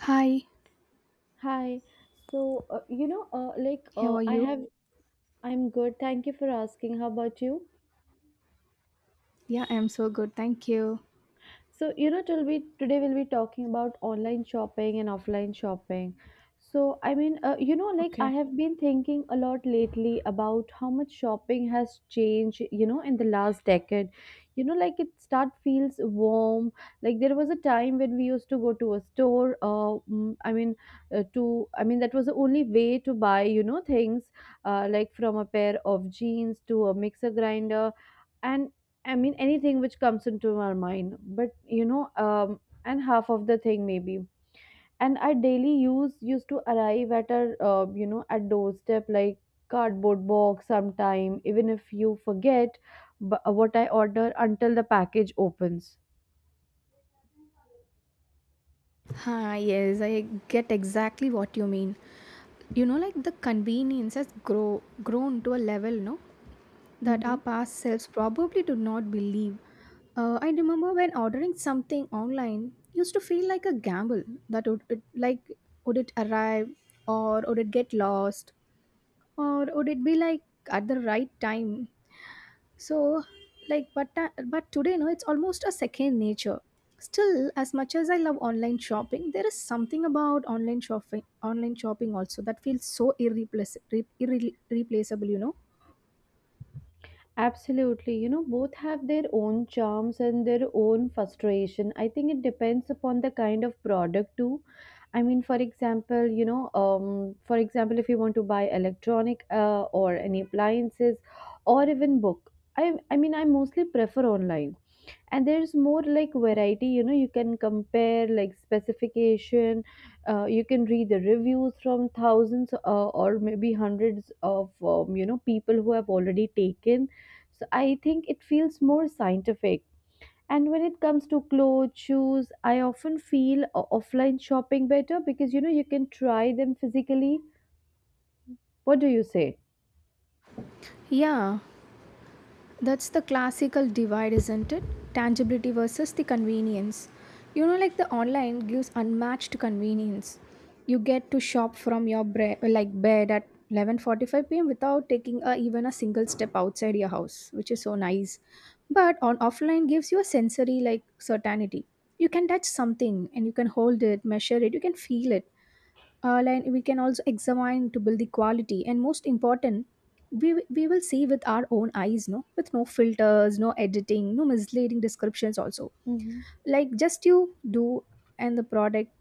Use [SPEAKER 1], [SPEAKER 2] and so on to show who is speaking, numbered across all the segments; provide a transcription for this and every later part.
[SPEAKER 1] Hi,
[SPEAKER 2] Hi. So, you know, like,
[SPEAKER 1] how are
[SPEAKER 2] I
[SPEAKER 1] you?
[SPEAKER 2] have, I'm good. Thank you for asking. How about you?
[SPEAKER 1] Yeah, I'm so good, thank you.
[SPEAKER 2] So, you know, till we Today we'll be talking about online shopping and offline shopping.
[SPEAKER 1] Okay.
[SPEAKER 2] I have been thinking a lot lately about how much shopping has changed, you know, in the last decade. Like it start feels warm. Like there was a time when we used to go to a store. I mean that was the only way to buy, you know, things, like from a pair of jeans to a mixer grinder and, I mean, anything which comes into our mind, but and half of the thing maybe. And our daily use used to arrive at our, you know, at doorstep like cardboard box sometime, even if you forget what I order until the package opens.
[SPEAKER 1] Ah, yes, I get exactly what you mean. You know, like the convenience has grown to a level, no, that our
[SPEAKER 2] Mhm.
[SPEAKER 1] past selves probably do not believe. I remember when ordering something online used to feel like a gamble, that would it, like would it arrive, or would it get lost, or would it be like at the right time, so like but today, no, it's almost a second nature. Still, as much as I love online shopping, there is something about online shopping also that feels so replaceable, you know.
[SPEAKER 2] Absolutely. You know, both have their own charms and their own frustration. I think it depends upon the kind of product too. I mean, for example, you know, for example, if you want to buy electronic, or any appliances, or even book, I mean, I mostly prefer online, and there's more like variety, you know. You can compare like specification. You can read the reviews from thousands, or maybe hundreds of people who have already taken. So I think it feels more scientific. And when it comes to clothes, shoes, I often feel offline shopping better because you know you can try them physically. What do you say?
[SPEAKER 1] Yeah. That's the classical divide, isn't it? Tangibility versus the convenience. You know, like the online gives unmatched convenience. You get to shop from your like bed at 11:45 p.m. without taking a, even a single step outside your house, which is so nice. But on offline gives you a sensory like certainty. You can touch something, and you can hold it, measure it, you can feel it, like we can also examine to build the quality, and most important, we will see with our own eyes, no, with no filters, no editing, no misleading descriptions also.
[SPEAKER 2] Mhm.
[SPEAKER 1] Like just you do and the product,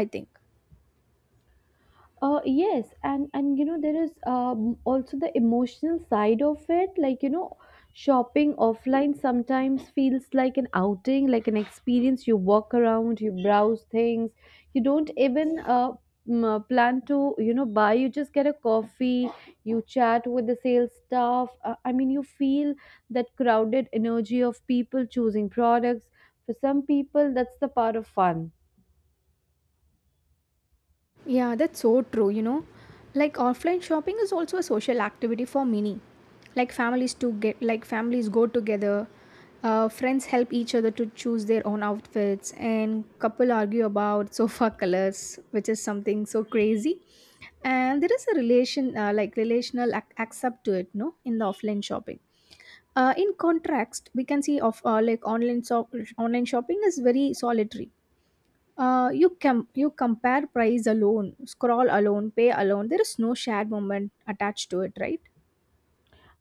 [SPEAKER 1] I think.
[SPEAKER 2] Yes, and you know there is, also the emotional side of it. Like, you know, shopping offline sometimes feels like an outing, like an experience. You walk around, you browse things. You don't even plan to, you know, buy. You just get a coffee. You chat with the sales staff. You feel that crowded energy of people choosing products. For some people, that's the part of fun.
[SPEAKER 1] Yeah, that's so true, you know. Like offline shopping is also a social activity for many. Like families go together, friends help each other to choose their own outfits, and couple argue about sofa colors, which is something so crazy. And there is a relational accept to it, no, in the offline shopping. In contrast, we can see of like online shopping is very solitary. You can you compare price alone, scroll alone, pay alone. There is no shared moment attached to it, right?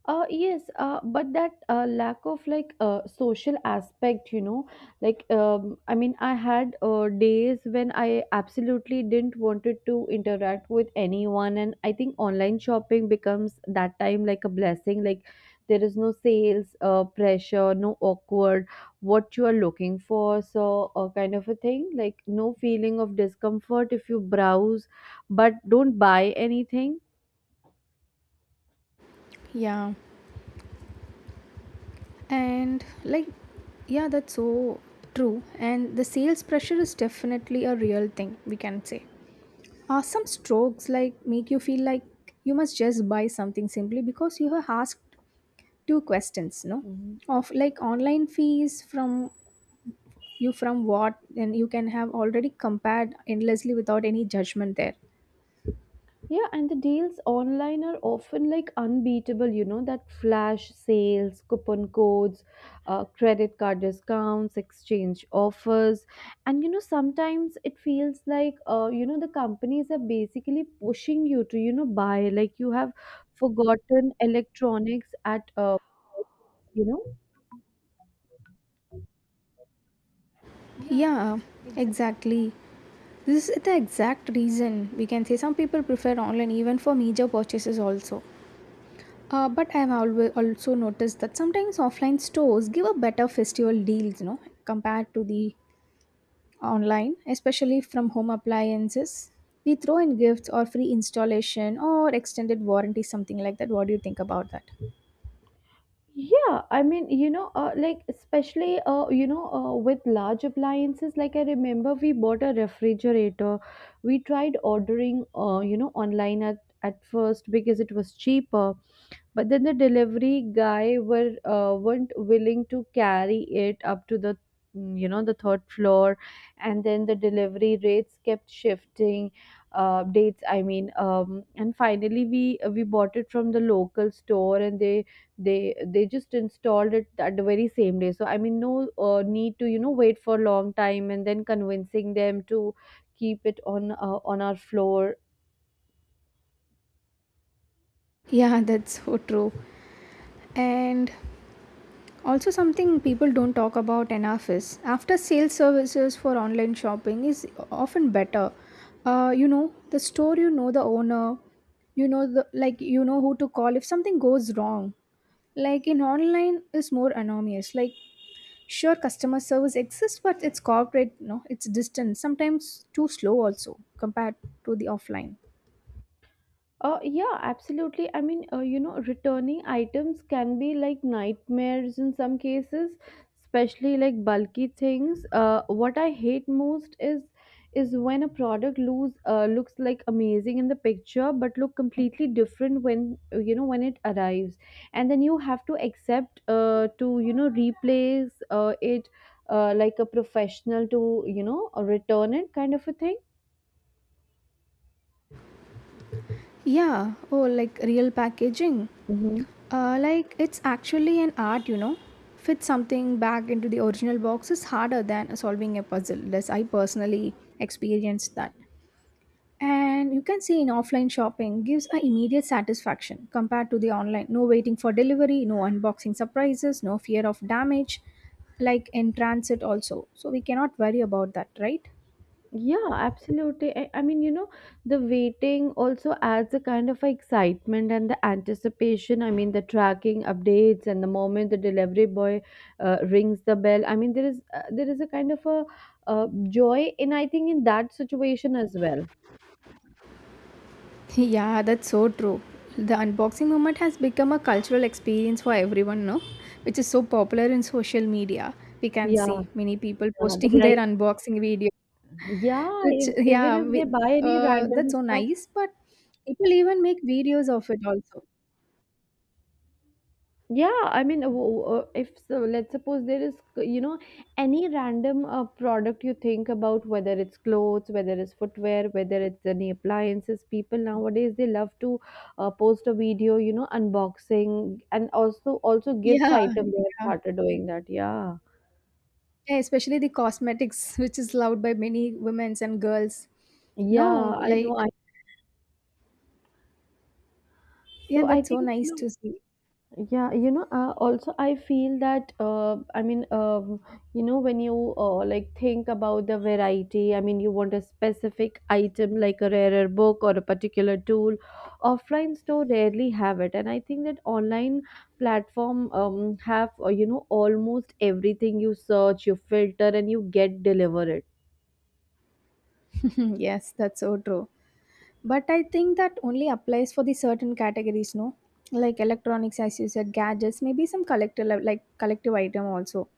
[SPEAKER 2] Yes, but that lack of social aspect, you know, I mean, I had days when I absolutely didn't wanted to interact with anyone, and I think online shopping becomes that time like a blessing. Like there is no sales pressure, no awkward what you are looking for, so kind of a thing. Like no feeling of discomfort if you browse, but don't buy anything.
[SPEAKER 1] Yeah. And like, yeah, that's so true. And the sales pressure is definitely a real thing, we can say. Some strokes like make you feel like you must just buy something simply because you have asked two questions, no?
[SPEAKER 2] Mhm.
[SPEAKER 1] Of like online fees from you from what, and you can have already compared endlessly without any judgment there.
[SPEAKER 2] Yeah, and the deals online are often like unbeatable, you know, that flash sales, coupon codes, credit card discounts, exchange offers. And, you know, sometimes it feels like, the companies are basically pushing you to, you know, buy. Like you have forgotten electronics at, uh, you know. Yeah,
[SPEAKER 1] Yeah,
[SPEAKER 2] exactly.
[SPEAKER 1] exactly. This is the exact reason we can say some people prefer online even for major purchases also. But I have always also noticed that sometimes offline stores give a better festival deals, you know, compared to the online, especially from home appliances. They throw in gifts or free installation or extended warranty, something like that. What do you think about that?
[SPEAKER 2] Yeah, especially, with large appliances, like I remember we bought a refrigerator. We tried ordering, online at first because it was cheaper, but then the delivery guy were weren't willing to carry it up to the the third floor, and then the delivery rates kept shifting dates, I mean, and finally we bought it from the local store, and they just installed it at the very same day. So I mean no need to, you know, wait for a long time and then convincing them to keep it on, on our floor.
[SPEAKER 1] Yeah, that's so true. And also, something people don't talk about enough is after sales services for online shopping is often better. You know, the store, you know the owner, you know the like you know who to call if something goes wrong. Like in online is more anonymous. Like sure customer service exists, but it's corporate, no, it's distant, sometimes too slow also compared to the offline.
[SPEAKER 2] Yeah, absolutely. I mean, returning items can be like nightmares in some cases, especially like bulky things. What I hate most is when a product lose looks like amazing in the picture, but look completely different when, when it arrives, and then you have to accept to, you know, replace it, like a professional to, you know, return it kind of a
[SPEAKER 1] Yeah, oh, like real packaging.
[SPEAKER 2] thing.
[SPEAKER 1] Like it's actually an art, you know. Fit something back into the original box is harder than solving a puzzle, as I personally experienced that. And you can see in offline shopping gives a immediate satisfaction compared to the online. No waiting for delivery, no unboxing surprises, no fear of damage, like in transit also. So we cannot worry about that, right?
[SPEAKER 2] Yeah, absolutely. I mean, you know, the waiting also adds a kind of excitement and the anticipation. I mean, the tracking updates and the moment the delivery boy rings the bell. I mean, there is a kind of a joy in, I think, in that situation as well.
[SPEAKER 1] Yeah, that's so true. The unboxing moment has become a cultural experience for everyone, no? Which is so popular in social media. We can
[SPEAKER 2] Yeah,
[SPEAKER 1] see many people
[SPEAKER 2] yeah, they
[SPEAKER 1] posting their
[SPEAKER 2] like,
[SPEAKER 1] unboxing video,
[SPEAKER 2] yeah,
[SPEAKER 1] which,
[SPEAKER 2] if, even
[SPEAKER 1] yeah,
[SPEAKER 2] if they buy any
[SPEAKER 1] that's
[SPEAKER 2] random
[SPEAKER 1] so
[SPEAKER 2] stuff.
[SPEAKER 1] nice. But people even make videos of it also.
[SPEAKER 2] Yeah, I mean, if so, let's suppose there is, you know, any random product you think about, whether it's clothes, whether it's footwear, whether it's any appliances, people nowadays they love to post a video, you know, unboxing and also gifts
[SPEAKER 1] Yeah,
[SPEAKER 2] item. They have
[SPEAKER 1] yeah.
[SPEAKER 2] started doing that. Yeah,
[SPEAKER 1] Yeah, especially the cosmetics, which is loved by many women and girls.
[SPEAKER 2] yeah,
[SPEAKER 1] No,
[SPEAKER 2] I know.
[SPEAKER 1] like,
[SPEAKER 2] I
[SPEAKER 1] yeah,
[SPEAKER 2] so I
[SPEAKER 1] that's so
[SPEAKER 2] think you
[SPEAKER 1] nice
[SPEAKER 2] know.
[SPEAKER 1] to see.
[SPEAKER 2] Yeah, you know, also I feel that you know, when you like think about the variety, I mean, you want a specific item like a rarer book or a particular tool. Offline store rarely have it, and I think that online platform have, you know, almost everything. You search, you filter, and you get delivered.
[SPEAKER 1] Yes, that's so true. But I think that only applies for the certain categories, no? Like electronics, as you said, gadgets, maybe some collective item also.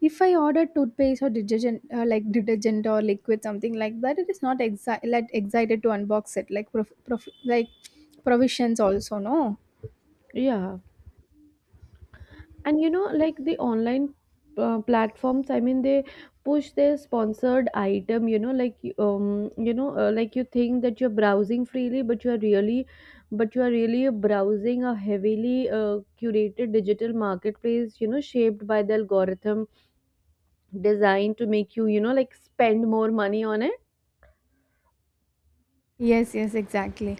[SPEAKER 1] If I order toothpaste or detergent, like detergent or liquid, something like that, it is not like excited to unbox it. Like like provisions also, no?
[SPEAKER 2] Yeah. And you know, like the online platforms, I mean, they push their sponsored item, you know, like, like you think that you're browsing freely, but you are really browsing a heavily curated digital marketplace, you know, shaped by the algorithm, designed to make you, you know, like spend more money on it.
[SPEAKER 1] Yes, yes, exactly.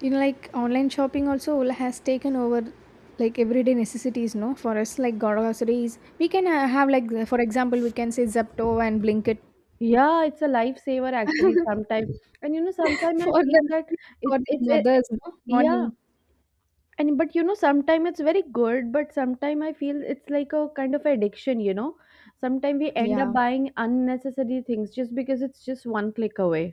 [SPEAKER 1] You know, like online shopping also has taken over like everyday necessities, no? For us, like groceries, we can have like for example, we can say Zepto and Blinkit.
[SPEAKER 2] Yeah, it's a lifesaver actually sometimes. And you know sometimes I
[SPEAKER 1] For
[SPEAKER 2] feel
[SPEAKER 1] the
[SPEAKER 2] that it, it's a,
[SPEAKER 1] mothers, no,
[SPEAKER 2] yeah.
[SPEAKER 1] morning.
[SPEAKER 2] And but you know sometimes it's very good, but sometimes I feel it's like a kind of addiction, you know. Sometimes we end up
[SPEAKER 1] Yeah.
[SPEAKER 2] buying unnecessary things just because it's just one click away.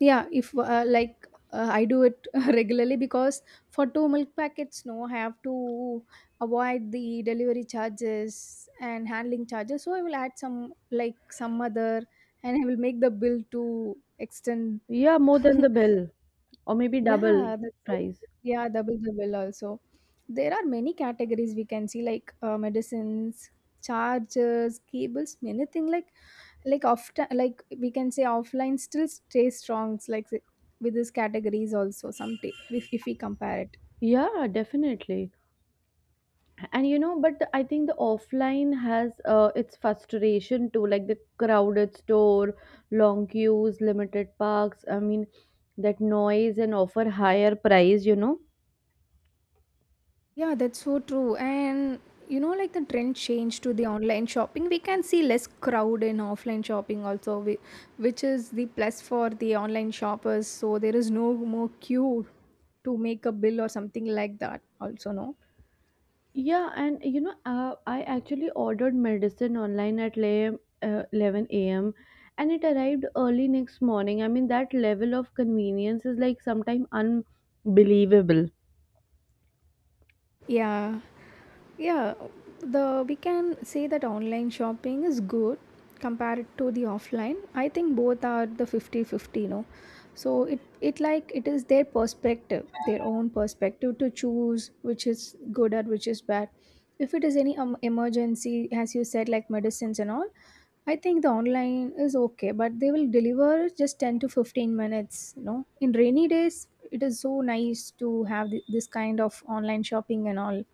[SPEAKER 1] Yeah, if I do it regularly, because for two milk packets, no, I have to avoid the delivery charges and handling charges. So I will add some like some other, and I will make the bill to extend.
[SPEAKER 2] Yeah, more than the bill, or maybe double
[SPEAKER 1] Yeah, that's so
[SPEAKER 2] price.
[SPEAKER 1] yeah, double the bill also. There are many categories we can see like medicines, chargers, cables, anything like often like we can say offline still stays strong like with these categories also some if we compare it.
[SPEAKER 2] Yeah, definitely. And you know, but I think the offline has, its frustration too, like the crowded store, long queues, limited parks, I mean, that noise and offer higher price, you know.
[SPEAKER 1] Yeah, that's so true. And you know like the trend change to the online shopping, we can see less crowd in offline shopping also which is the plus for the online shoppers, so there is no more queue to make a bill or something like that also, no.
[SPEAKER 2] Yeah, and you know, I actually ordered medicine online at 11 a.m. and it arrived early next morning. I mean, that level of convenience is like sometimes unbelievable.
[SPEAKER 1] Yeah. Yeah, the we can say that online shopping is good compared to the offline. I think both are the 50-50, no. So it like it is their perspective, their own perspective, to choose which is good or which is bad. If it is any emergency, as you said, like medicines and all, I think the online is okay. But they will deliver just 10 to 15 minutes, you know. In rainy days it is so nice to have this kind of online shopping and all.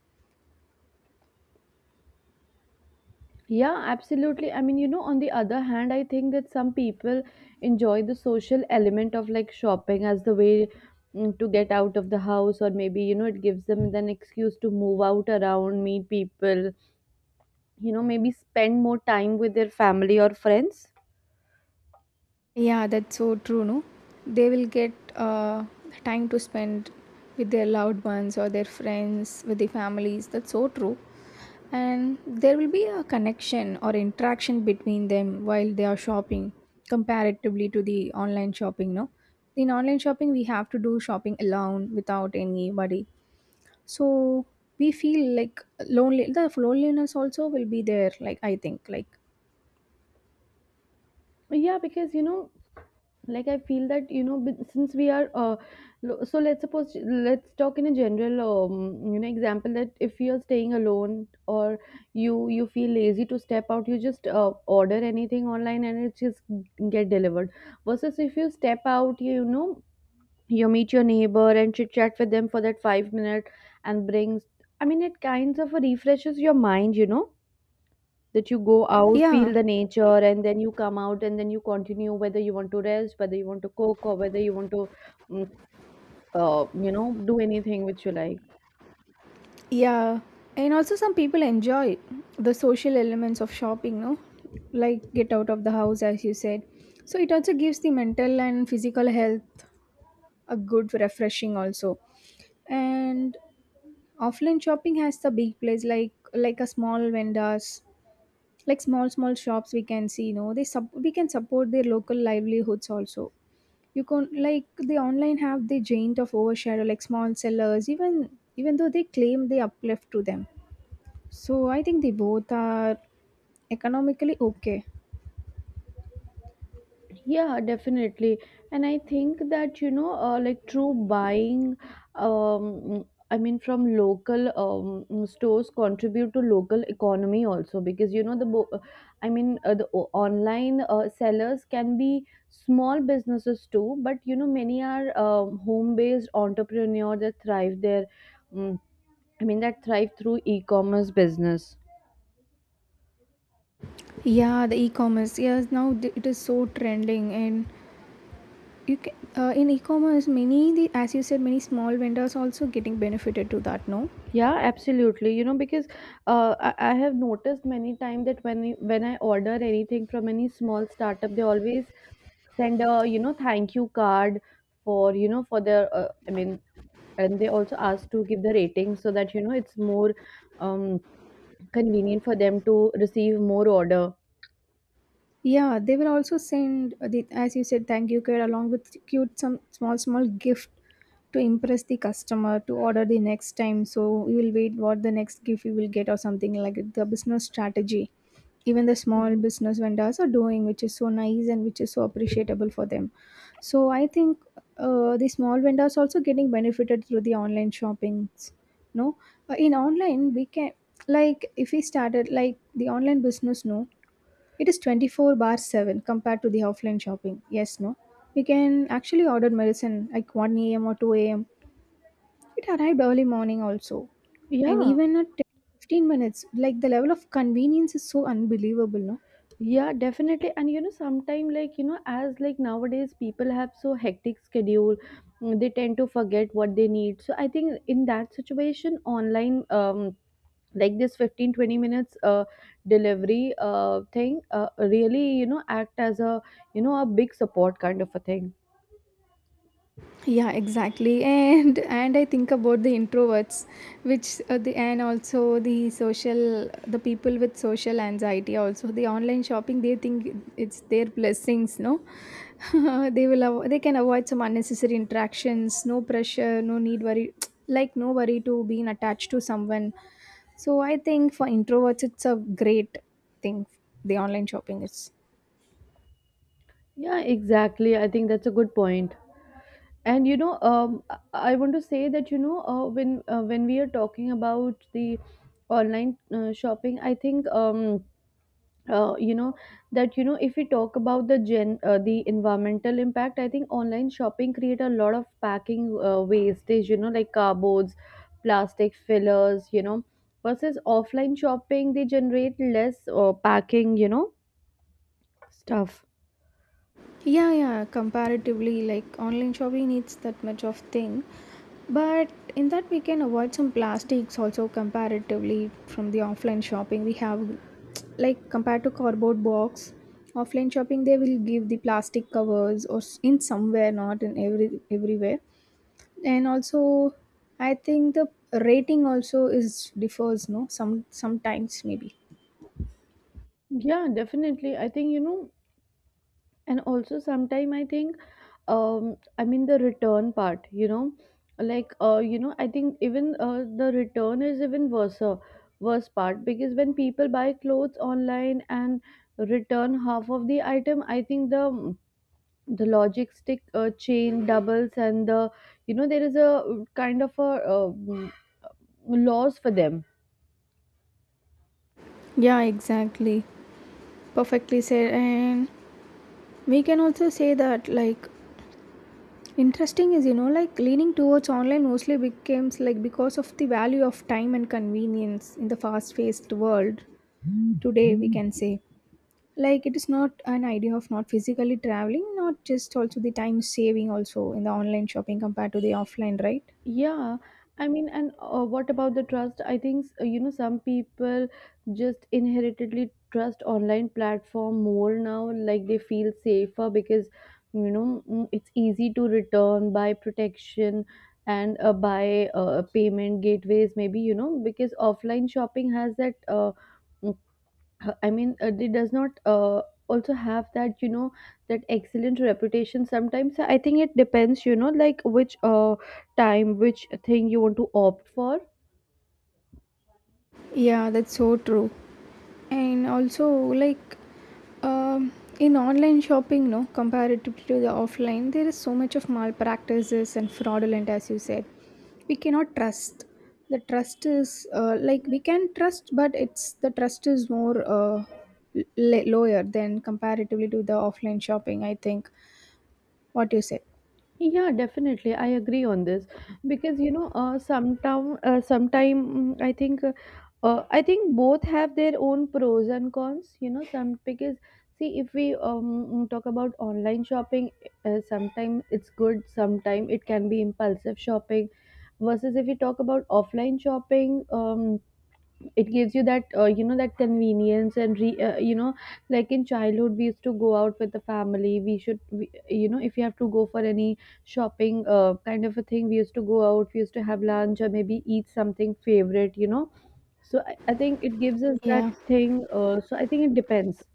[SPEAKER 2] Yeah, absolutely. I mean, you know, on the other hand, I think that some people enjoy the social element of like shopping as the way to get out of the house, or maybe, you know, it gives them an excuse to move out around, meet people, you know, maybe spend more time with their family or friends.
[SPEAKER 1] Yeah, that's so true, no? They will get time to spend with their loved ones or their friends, with their families. That's so true. And there will be a connection or interaction between them while they are shopping, comparatively to the online shopping, no? In online shopping, we have to do shopping alone without anybody. So we feel like lonely. The loneliness also will be there, like I think, like
[SPEAKER 2] Yeah, because you know, like I feel that you know, since we are, so let's suppose let's talk in a general, example that if you are staying alone or you feel lazy to step out, you just order anything online and it just get delivered. Versus if you step out, you meet your neighbor and chit chat with them for that 5 minute and brings. I mean, it kinds of refreshes your mind, you know, that you go out, feel
[SPEAKER 1] yeah.
[SPEAKER 2] the nature, and then you come out and then you continue whether you want to rest, whether you want to cook, or whether you want to, mm, do anything which you like.
[SPEAKER 1] Yeah, and also some people enjoy the social elements of shopping, no? Like get out of the house, as you said. So it also gives the mental and physical health a good refreshing also. And offline shopping has the big place like a small vendors, like small small shops we can see, no? They sub we can support their local livelihoods also. You can like the online have the giant of overshadow, like small sellers, even though they claim they uplift to them, so I think they both are economically okay.
[SPEAKER 2] Yeah, definitely. And I think that, you know, through buying, um, I mean, from local stores contribute to local economy also because, you know, the, bo- I mean, the online sellers can be small businesses too, but, you know, many are home-based entrepreneurs that thrive there. Mm, I mean, that thrive through e-commerce business.
[SPEAKER 1] Yeah, the e-commerce. Yes, now it is so trending, and you can, in e-commerce, many the as you said, many small vendors also getting benefited to that, no.
[SPEAKER 2] Yeah, absolutely. You know, because, I have noticed many times that when I order anything from any small startup, they always send a, you know, thank you card for, you know, for their, and they also ask to give the rating so that you know it's more um, convenient for them to receive more order.
[SPEAKER 1] Yeah, they will also send the as you said, thank you card along with cute some small small gift to impress the customer to order the next time. So you will wait what the next gift you will get or something like it, the business strategy. Even the small
[SPEAKER 2] Mhm.
[SPEAKER 1] business vendors are doing, which is so nice and which is so appreciable for them. So I think the small vendors also getting benefited through the online shoppings, no. In online we can like if we started like the online business, no, it is 24/7 compared to the offline shopping, yes, no. We can actually order medicine like 1 a.m. or 2 a.m., it arrived early morning also. And
[SPEAKER 2] Yeah.
[SPEAKER 1] even at 10, 15 minutes, like the level of convenience is so unbelievable, no.
[SPEAKER 2] Yeah, definitely. And you know, sometimes, like, you know, as like nowadays, people have so hectic schedule, they tend to forget what they need. So I think in that situation, online, like this 15-20 minutes delivery thing really, you know, act as a, you know, a big support kind of a thing.
[SPEAKER 1] Yeah, exactly and I think about the introverts, which the and also the social the people with social anxiety also, the online shopping they think it's their blessings, no. They will they can avoid some unnecessary interactions, no pressure, no need worry like no worry to being attached to someone. So I think for introverts it's a great thing, the online shopping is.
[SPEAKER 2] Yeah, exactly. I think that's a good point. And you know I want to say that when we are talking about the online shopping. I think uh, you know that you know, if we talk about the gen the environmental impact, I think online shopping create a lot of packing wastage, you know, like cardboards, plastic fillers, you know, versus offline shopping they generate less packing, stuff.
[SPEAKER 1] Yeah, yeah, comparatively, like online shopping needs that much of thing. But in that, we can avoid some plastics also comparatively from the offline shopping. We have, like, compared to cardboard box, offline shopping they will give the plastic covers or in somewhere, not in everywhere. And also, I think the rating also is differs, no? Some sometimes maybe.
[SPEAKER 2] Yeah, definitely. I think, and also sometime I think I mean the return part, I think even the return is even worse part, because when people buy clothes online and return half of the item, I think the logistic chain doubles, and the you know there is a kind of a loss for them.
[SPEAKER 1] Yeah, exactly. Perfectly said. And we can also say that, like, interesting is like leaning towards online mostly becomes like because of the value of time and convenience in the fast paced world today, we can say, like it is not an idea of not physically traveling, not just also the time saving also in the online shopping compared to the offline, right?
[SPEAKER 2] Yeah, I mean, and what about the trust? I think you know, some people just inheritedly trust online platform more now. Like they feel safer because it's easy to return by protection and by payment gateways. Maybe, you know, because offline shopping has that I mean, it does not also have that, you know, that excellent reputation sometimes. So I think it depends, you know, like which time, which thing you want to opt for.
[SPEAKER 1] Yeah, that's so true. And also, like, um, in online shopping, no, comparatively to the offline, there is so much of malpractices and fraudulent, as you said. We cannot trust. The trust is like we can trust, but it's the trust is more lower than comparatively to the offline shopping, I think, what you said.
[SPEAKER 2] Yeah, definitely. I agree on this because sometime, I think both have their own pros and cons. You know, some because see, if we mm, talk about online shopping, sometimes it's good, sometime it can be impulsive shopping. Versus if we talk about offline shopping, it gives you that you know that convenience and you know, like in childhood we used to go out with the family. You know, if you have to go for any shopping kind of a thing, we used to go out, we used to have lunch or maybe eat something favorite, you know. I think it gives us that
[SPEAKER 1] Yeah.
[SPEAKER 2] thing, so I think it depends.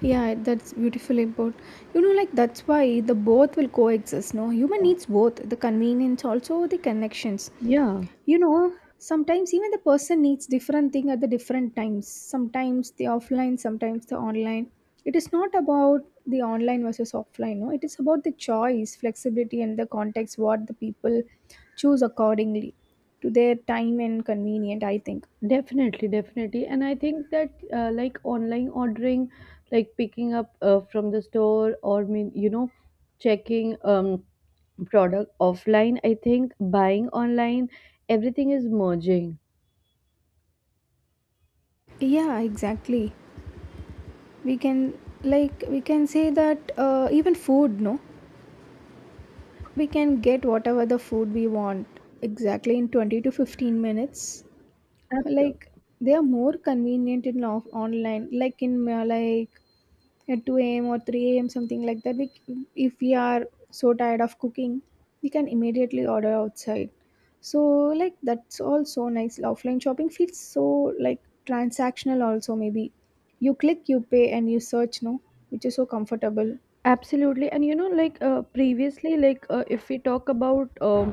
[SPEAKER 1] Yeah, that's beautifully put. You know, like that's why the both will coexist. No, human needs both the convenience, also the connections.
[SPEAKER 2] Yeah.
[SPEAKER 1] You know, sometimes even the person needs different thing at the different times. Sometimes the offline, sometimes the online. It is not about the online versus offline. No, it is about the choice, flexibility, and the context what the people choose accordingly to their time and convenient, I think.
[SPEAKER 2] Definitely, definitely. And I think that like online ordering, like picking up from the store or mean, you know, checking product offline, I think buying online, everything is merging.
[SPEAKER 1] Yeah, exactly. We can, like we can say that even food, no, we can get whatever the food we want exactly in 20 to 15 minutes. Like
[SPEAKER 2] Absolutely.
[SPEAKER 1] they are more convenient in online, like in like, at 2 a.m. or 3 a.m., something like that. If we are so tired of cooking, we can immediately order outside. So like that's all so nice. Offline shopping feels so like transactional also maybe. You click, you pay and you search, no, which is so comfortable.
[SPEAKER 2] Absolutely. And you know, like previously, like if we talk about um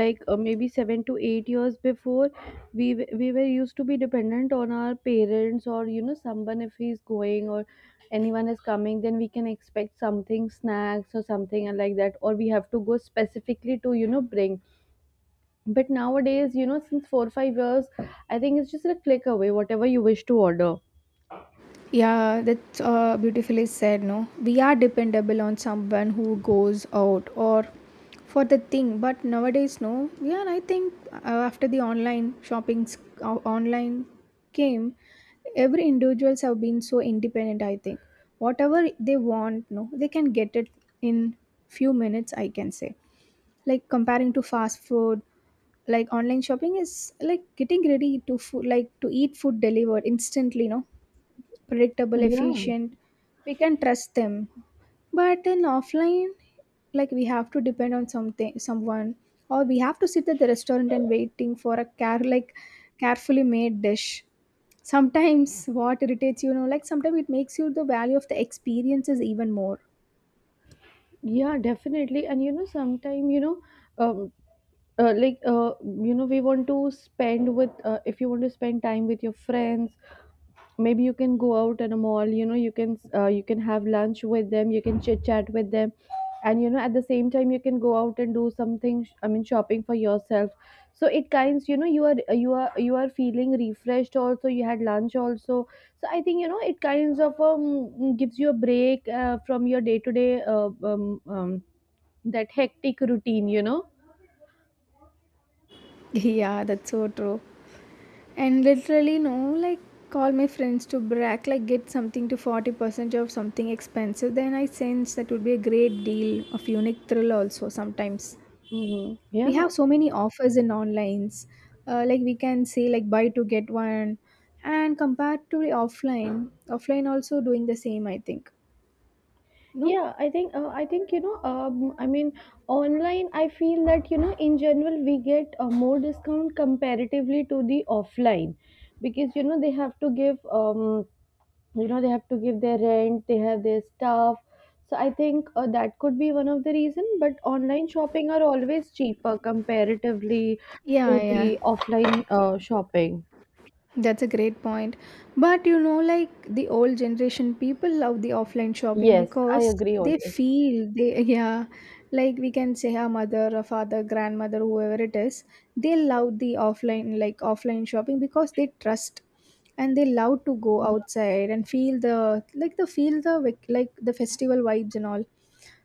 [SPEAKER 2] like uh, maybe 7 to 8 years before, we were used to be dependent on our parents or, you know, someone, if he's going or anyone is coming, then we can expect something, snacks or something like that, or we have to go specifically to, you know, bring. But nowadays, you know, since 4 or 5 years, I think it's just a click away, whatever you wish to order.
[SPEAKER 1] Yeah, that's beautifully said. No, we are dependable on someone who goes out or for the thing. But nowadays, no. Yeah, and I think after the online shopping, online came, every individuals have been so independent. I think whatever they want, no, they can get it in few minutes, I can say, like comparing to fast food, like online shopping is like getting ready to food, like to eat food delivered instantly. No, predictable,
[SPEAKER 2] Yeah,
[SPEAKER 1] efficient, we can trust them. But in offline, like we have to depend on something, someone, or we have to sit at the restaurant and waiting for a care, like carefully made dish. Sometimes what irritates you, you know, like sometimes it makes you the value of the experiences even more.
[SPEAKER 2] yeah, definitely. And you know, sometime you know. Um, uh, like uh, you know, we want to spend with if you want to spend time with your friends, maybe you can go out in a mall, you know, you can have lunch with them, you can chit chat with them, and you know, at the same time you can go out and do something, I mean shopping for yourself. So it kinds, you know, you are feeling refreshed also, you had lunch also. So I think, you know, it kinds of gives you a break from your day to day um, that hectic routine, you know.
[SPEAKER 1] Yeah, that's so true. And literally, no, like call my friends to brag, like get something to 40% of something expensive, then I sense that would be a great deal of unique thrill also sometimes.
[SPEAKER 2] Hmm.
[SPEAKER 1] We have
[SPEAKER 2] Yeah,
[SPEAKER 1] so many offers in onlines, like we can say, like buy to get one, and compared to the offline, offline also doing the same, I think, no.
[SPEAKER 2] I think, you know, I mean, online I feel that you know, in general, we get more discount comparatively to the offline, because you know, they have to give you know, they have to give their rent, they have their staff. So I think that could be one of the reason. But online shopping are always cheaper comparatively
[SPEAKER 1] Yeah,
[SPEAKER 2] to the
[SPEAKER 1] yeah.
[SPEAKER 2] offline shopping.
[SPEAKER 1] That's a great point. But you know, like the old generation people love the offline shopping
[SPEAKER 2] Yes, I
[SPEAKER 1] because
[SPEAKER 2] agree on
[SPEAKER 1] they
[SPEAKER 2] this.
[SPEAKER 1] feel they, yeah, like we can say our mother or father, grandmother, whoever it is, they love the offline, like offline shopping, because they trust and they love to go outside and feel the, like the feel the like the festival vibes and all.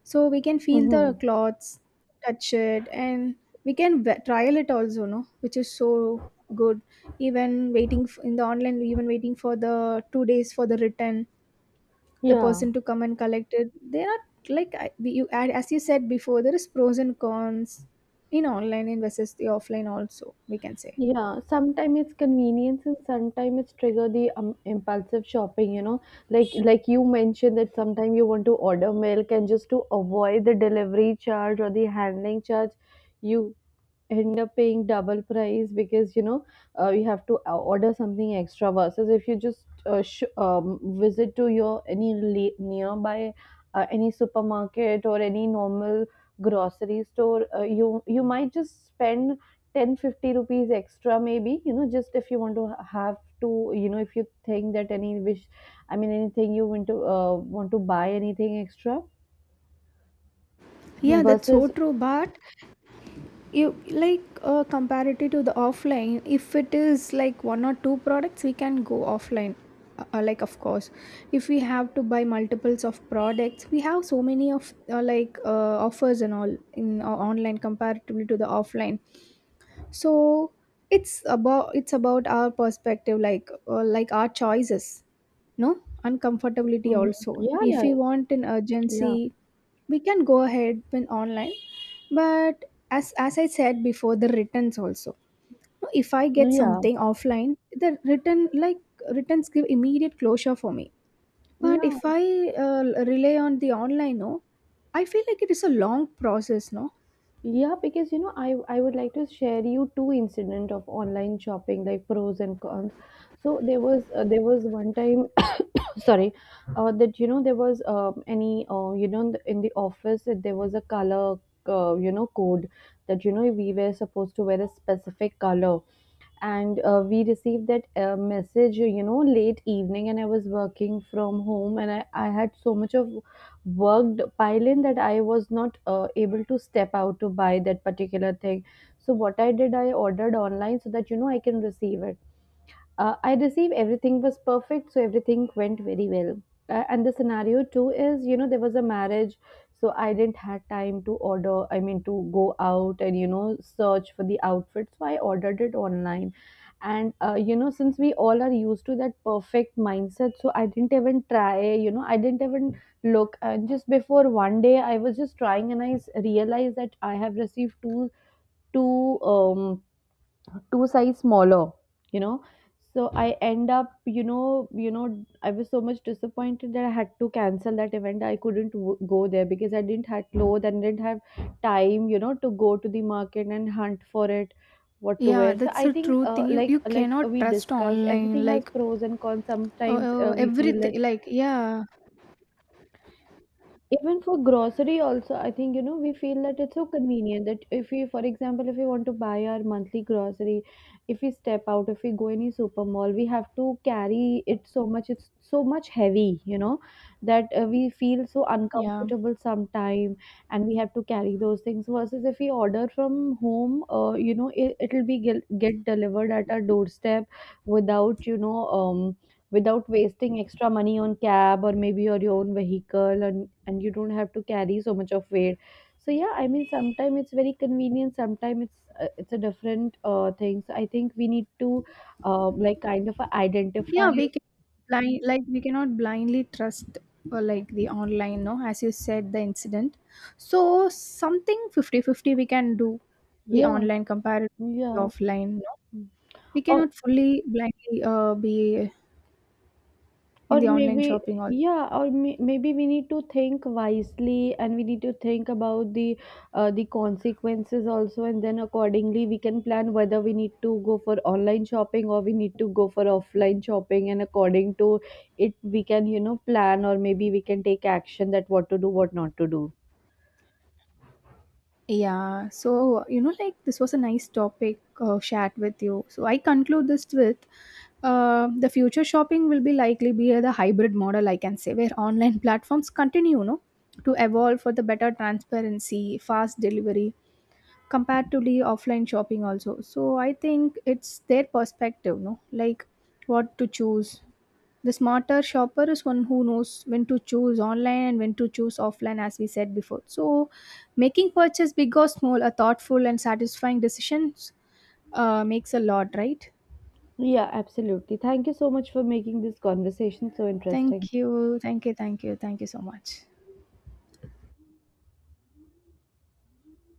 [SPEAKER 1] So we can feel the
[SPEAKER 2] Mm-hmm.
[SPEAKER 1] clothes, touch it, and we can trial it also, no, which is so good. Even waiting in the online, even waiting for the 2 days for the return, the
[SPEAKER 2] Yeah.
[SPEAKER 1] person to come and collect it, there are, like you add, as you said before, there is pros and cons in online and versus the offline also, we can say.
[SPEAKER 2] Yeah, sometimes it's convenience and sometimes it's trigger the impulsive shopping, you know. Like you mentioned, that sometimes you want to order milk and just to avoid the delivery charge or the handling charge, you end up paying double price, because you know you have to order something extra, versus if you just visit to your any nearby any supermarket or any normal grocery store, you might just spend 10, 50 rupees extra maybe, you know, just if you want to have to, you know, if you think that any wish, I mean anything you want to buy anything extra
[SPEAKER 1] Yeah, that's so
[SPEAKER 2] versus.
[SPEAKER 1] true. But you, like comparative to the offline, if it is like one or two products, we can go offline, like, of course, if we have to buy multiples of products, we have so many of like offers and all in online comparatively to the offline. So it's about, it's about our perspective, like our choices, no, uncomfortability
[SPEAKER 2] Mhm.
[SPEAKER 1] also,
[SPEAKER 2] Yeah,
[SPEAKER 1] if
[SPEAKER 2] yeah,
[SPEAKER 1] we want an
[SPEAKER 2] yeah,
[SPEAKER 1] urgency, we can go ahead when online. But as I said before, the returns also, no, if I get
[SPEAKER 2] yeah,
[SPEAKER 1] something offline, the return, like returns give immediate closure for me. But if
[SPEAKER 2] yeah.
[SPEAKER 1] I uh, rely on the online, no, I feel like it is a long process, no.
[SPEAKER 2] Yeah, because you know, I would like to share you two incident of online shopping, like pros and cons. So there was one time, sorry, that you know there was any, you know, in the office, that there was a color you know code, that you know we were supposed to wear a specific color. And we received that message, you know, late evening, and I was working from home, and I had so much of worked pile in, that I was not able to step out to buy that particular thing. So what I did, I ordered online, so that you know I can receive it. I received, everything was perfect, so everything went very well. And the scenario too is, you know, there was a marriage, so I didn't had time to order, I mean to go out and you know search for the outfit, so I ordered it online. And you know, since we all are used to that perfect mindset, so I didn't even try. You know, I didn't even look. And just before one day, I was just trying, and I realized that I have received two two um two size smaller, you know. So I end up, you know, I was so much disappointed, that I had to cancel that event. I couldn't go there because I didn't have clothes and didn't have time, you know, to go to the market and hunt for it, what to
[SPEAKER 1] Yeah,
[SPEAKER 2] wear. So
[SPEAKER 1] that's
[SPEAKER 2] I
[SPEAKER 1] a
[SPEAKER 2] think,
[SPEAKER 1] true
[SPEAKER 2] uh,
[SPEAKER 1] thing. You
[SPEAKER 2] like
[SPEAKER 1] you
[SPEAKER 2] like
[SPEAKER 1] cannot
[SPEAKER 2] we
[SPEAKER 1] trust
[SPEAKER 2] discussed,
[SPEAKER 1] online,
[SPEAKER 2] everything has
[SPEAKER 1] like
[SPEAKER 2] pros and cons. Sometimes we feel
[SPEAKER 1] everything, like, yeah,
[SPEAKER 2] even for grocery also, I think, you know, we feel that it's so convenient, that if we, for example, if we want to buy our monthly grocery, if we step out, if we go any super mall, we have to carry it so much, it's so much heavy, you know, that we feel so
[SPEAKER 1] yeah.
[SPEAKER 2] uncomfortable sometime. And we have to carry those things, versus if we order from home, you know, it'll be get delivered at our doorstep, without you know without wasting extra money on cab or maybe your own vehicle, and you don't have to carry so much of weight. So yeah, I mean, sometimes it's very convenient, sometimes it's a different thing. So I think we need to like kind of identify.
[SPEAKER 1] Yeah, we can blind like we cannot blindly trust like the online, no, as you said the incident. So something 50 50 we can do the
[SPEAKER 2] Yeah,
[SPEAKER 1] online compared to the
[SPEAKER 2] yeah.
[SPEAKER 1] offline, no. We
[SPEAKER 2] Oh.
[SPEAKER 1] cannot fully blindly be in
[SPEAKER 2] Or
[SPEAKER 1] the online
[SPEAKER 2] maybe,
[SPEAKER 1] shopping also.
[SPEAKER 2] yeah, or maybe we need to think wisely, and we need to think about the consequences also, and then accordingly we can plan whether we need to go for online shopping or we need to go for offline shopping, and according to it we can, you know, plan, or maybe we can take action, that what to do, what not to do.
[SPEAKER 1] Yeah, so you know, like this was a nice topic chat with you. So I conclude this with the future shopping will be likely be the hybrid model, I can say, where online platforms continue, you know, to evolve for the better transparency, fast delivery comparatively offline shopping also. So I think it's their perspective, no, like what to choose. The smarter shopper is one who knows when to choose online and when to choose offline, as we said before. So, making purchase big or small, a thoughtful and satisfying decisions makes a lot, right?
[SPEAKER 2] Yeah, absolutely. Thank you so much for making this conversation so interesting.
[SPEAKER 1] Thank you, thank you, thank you, thank you so much.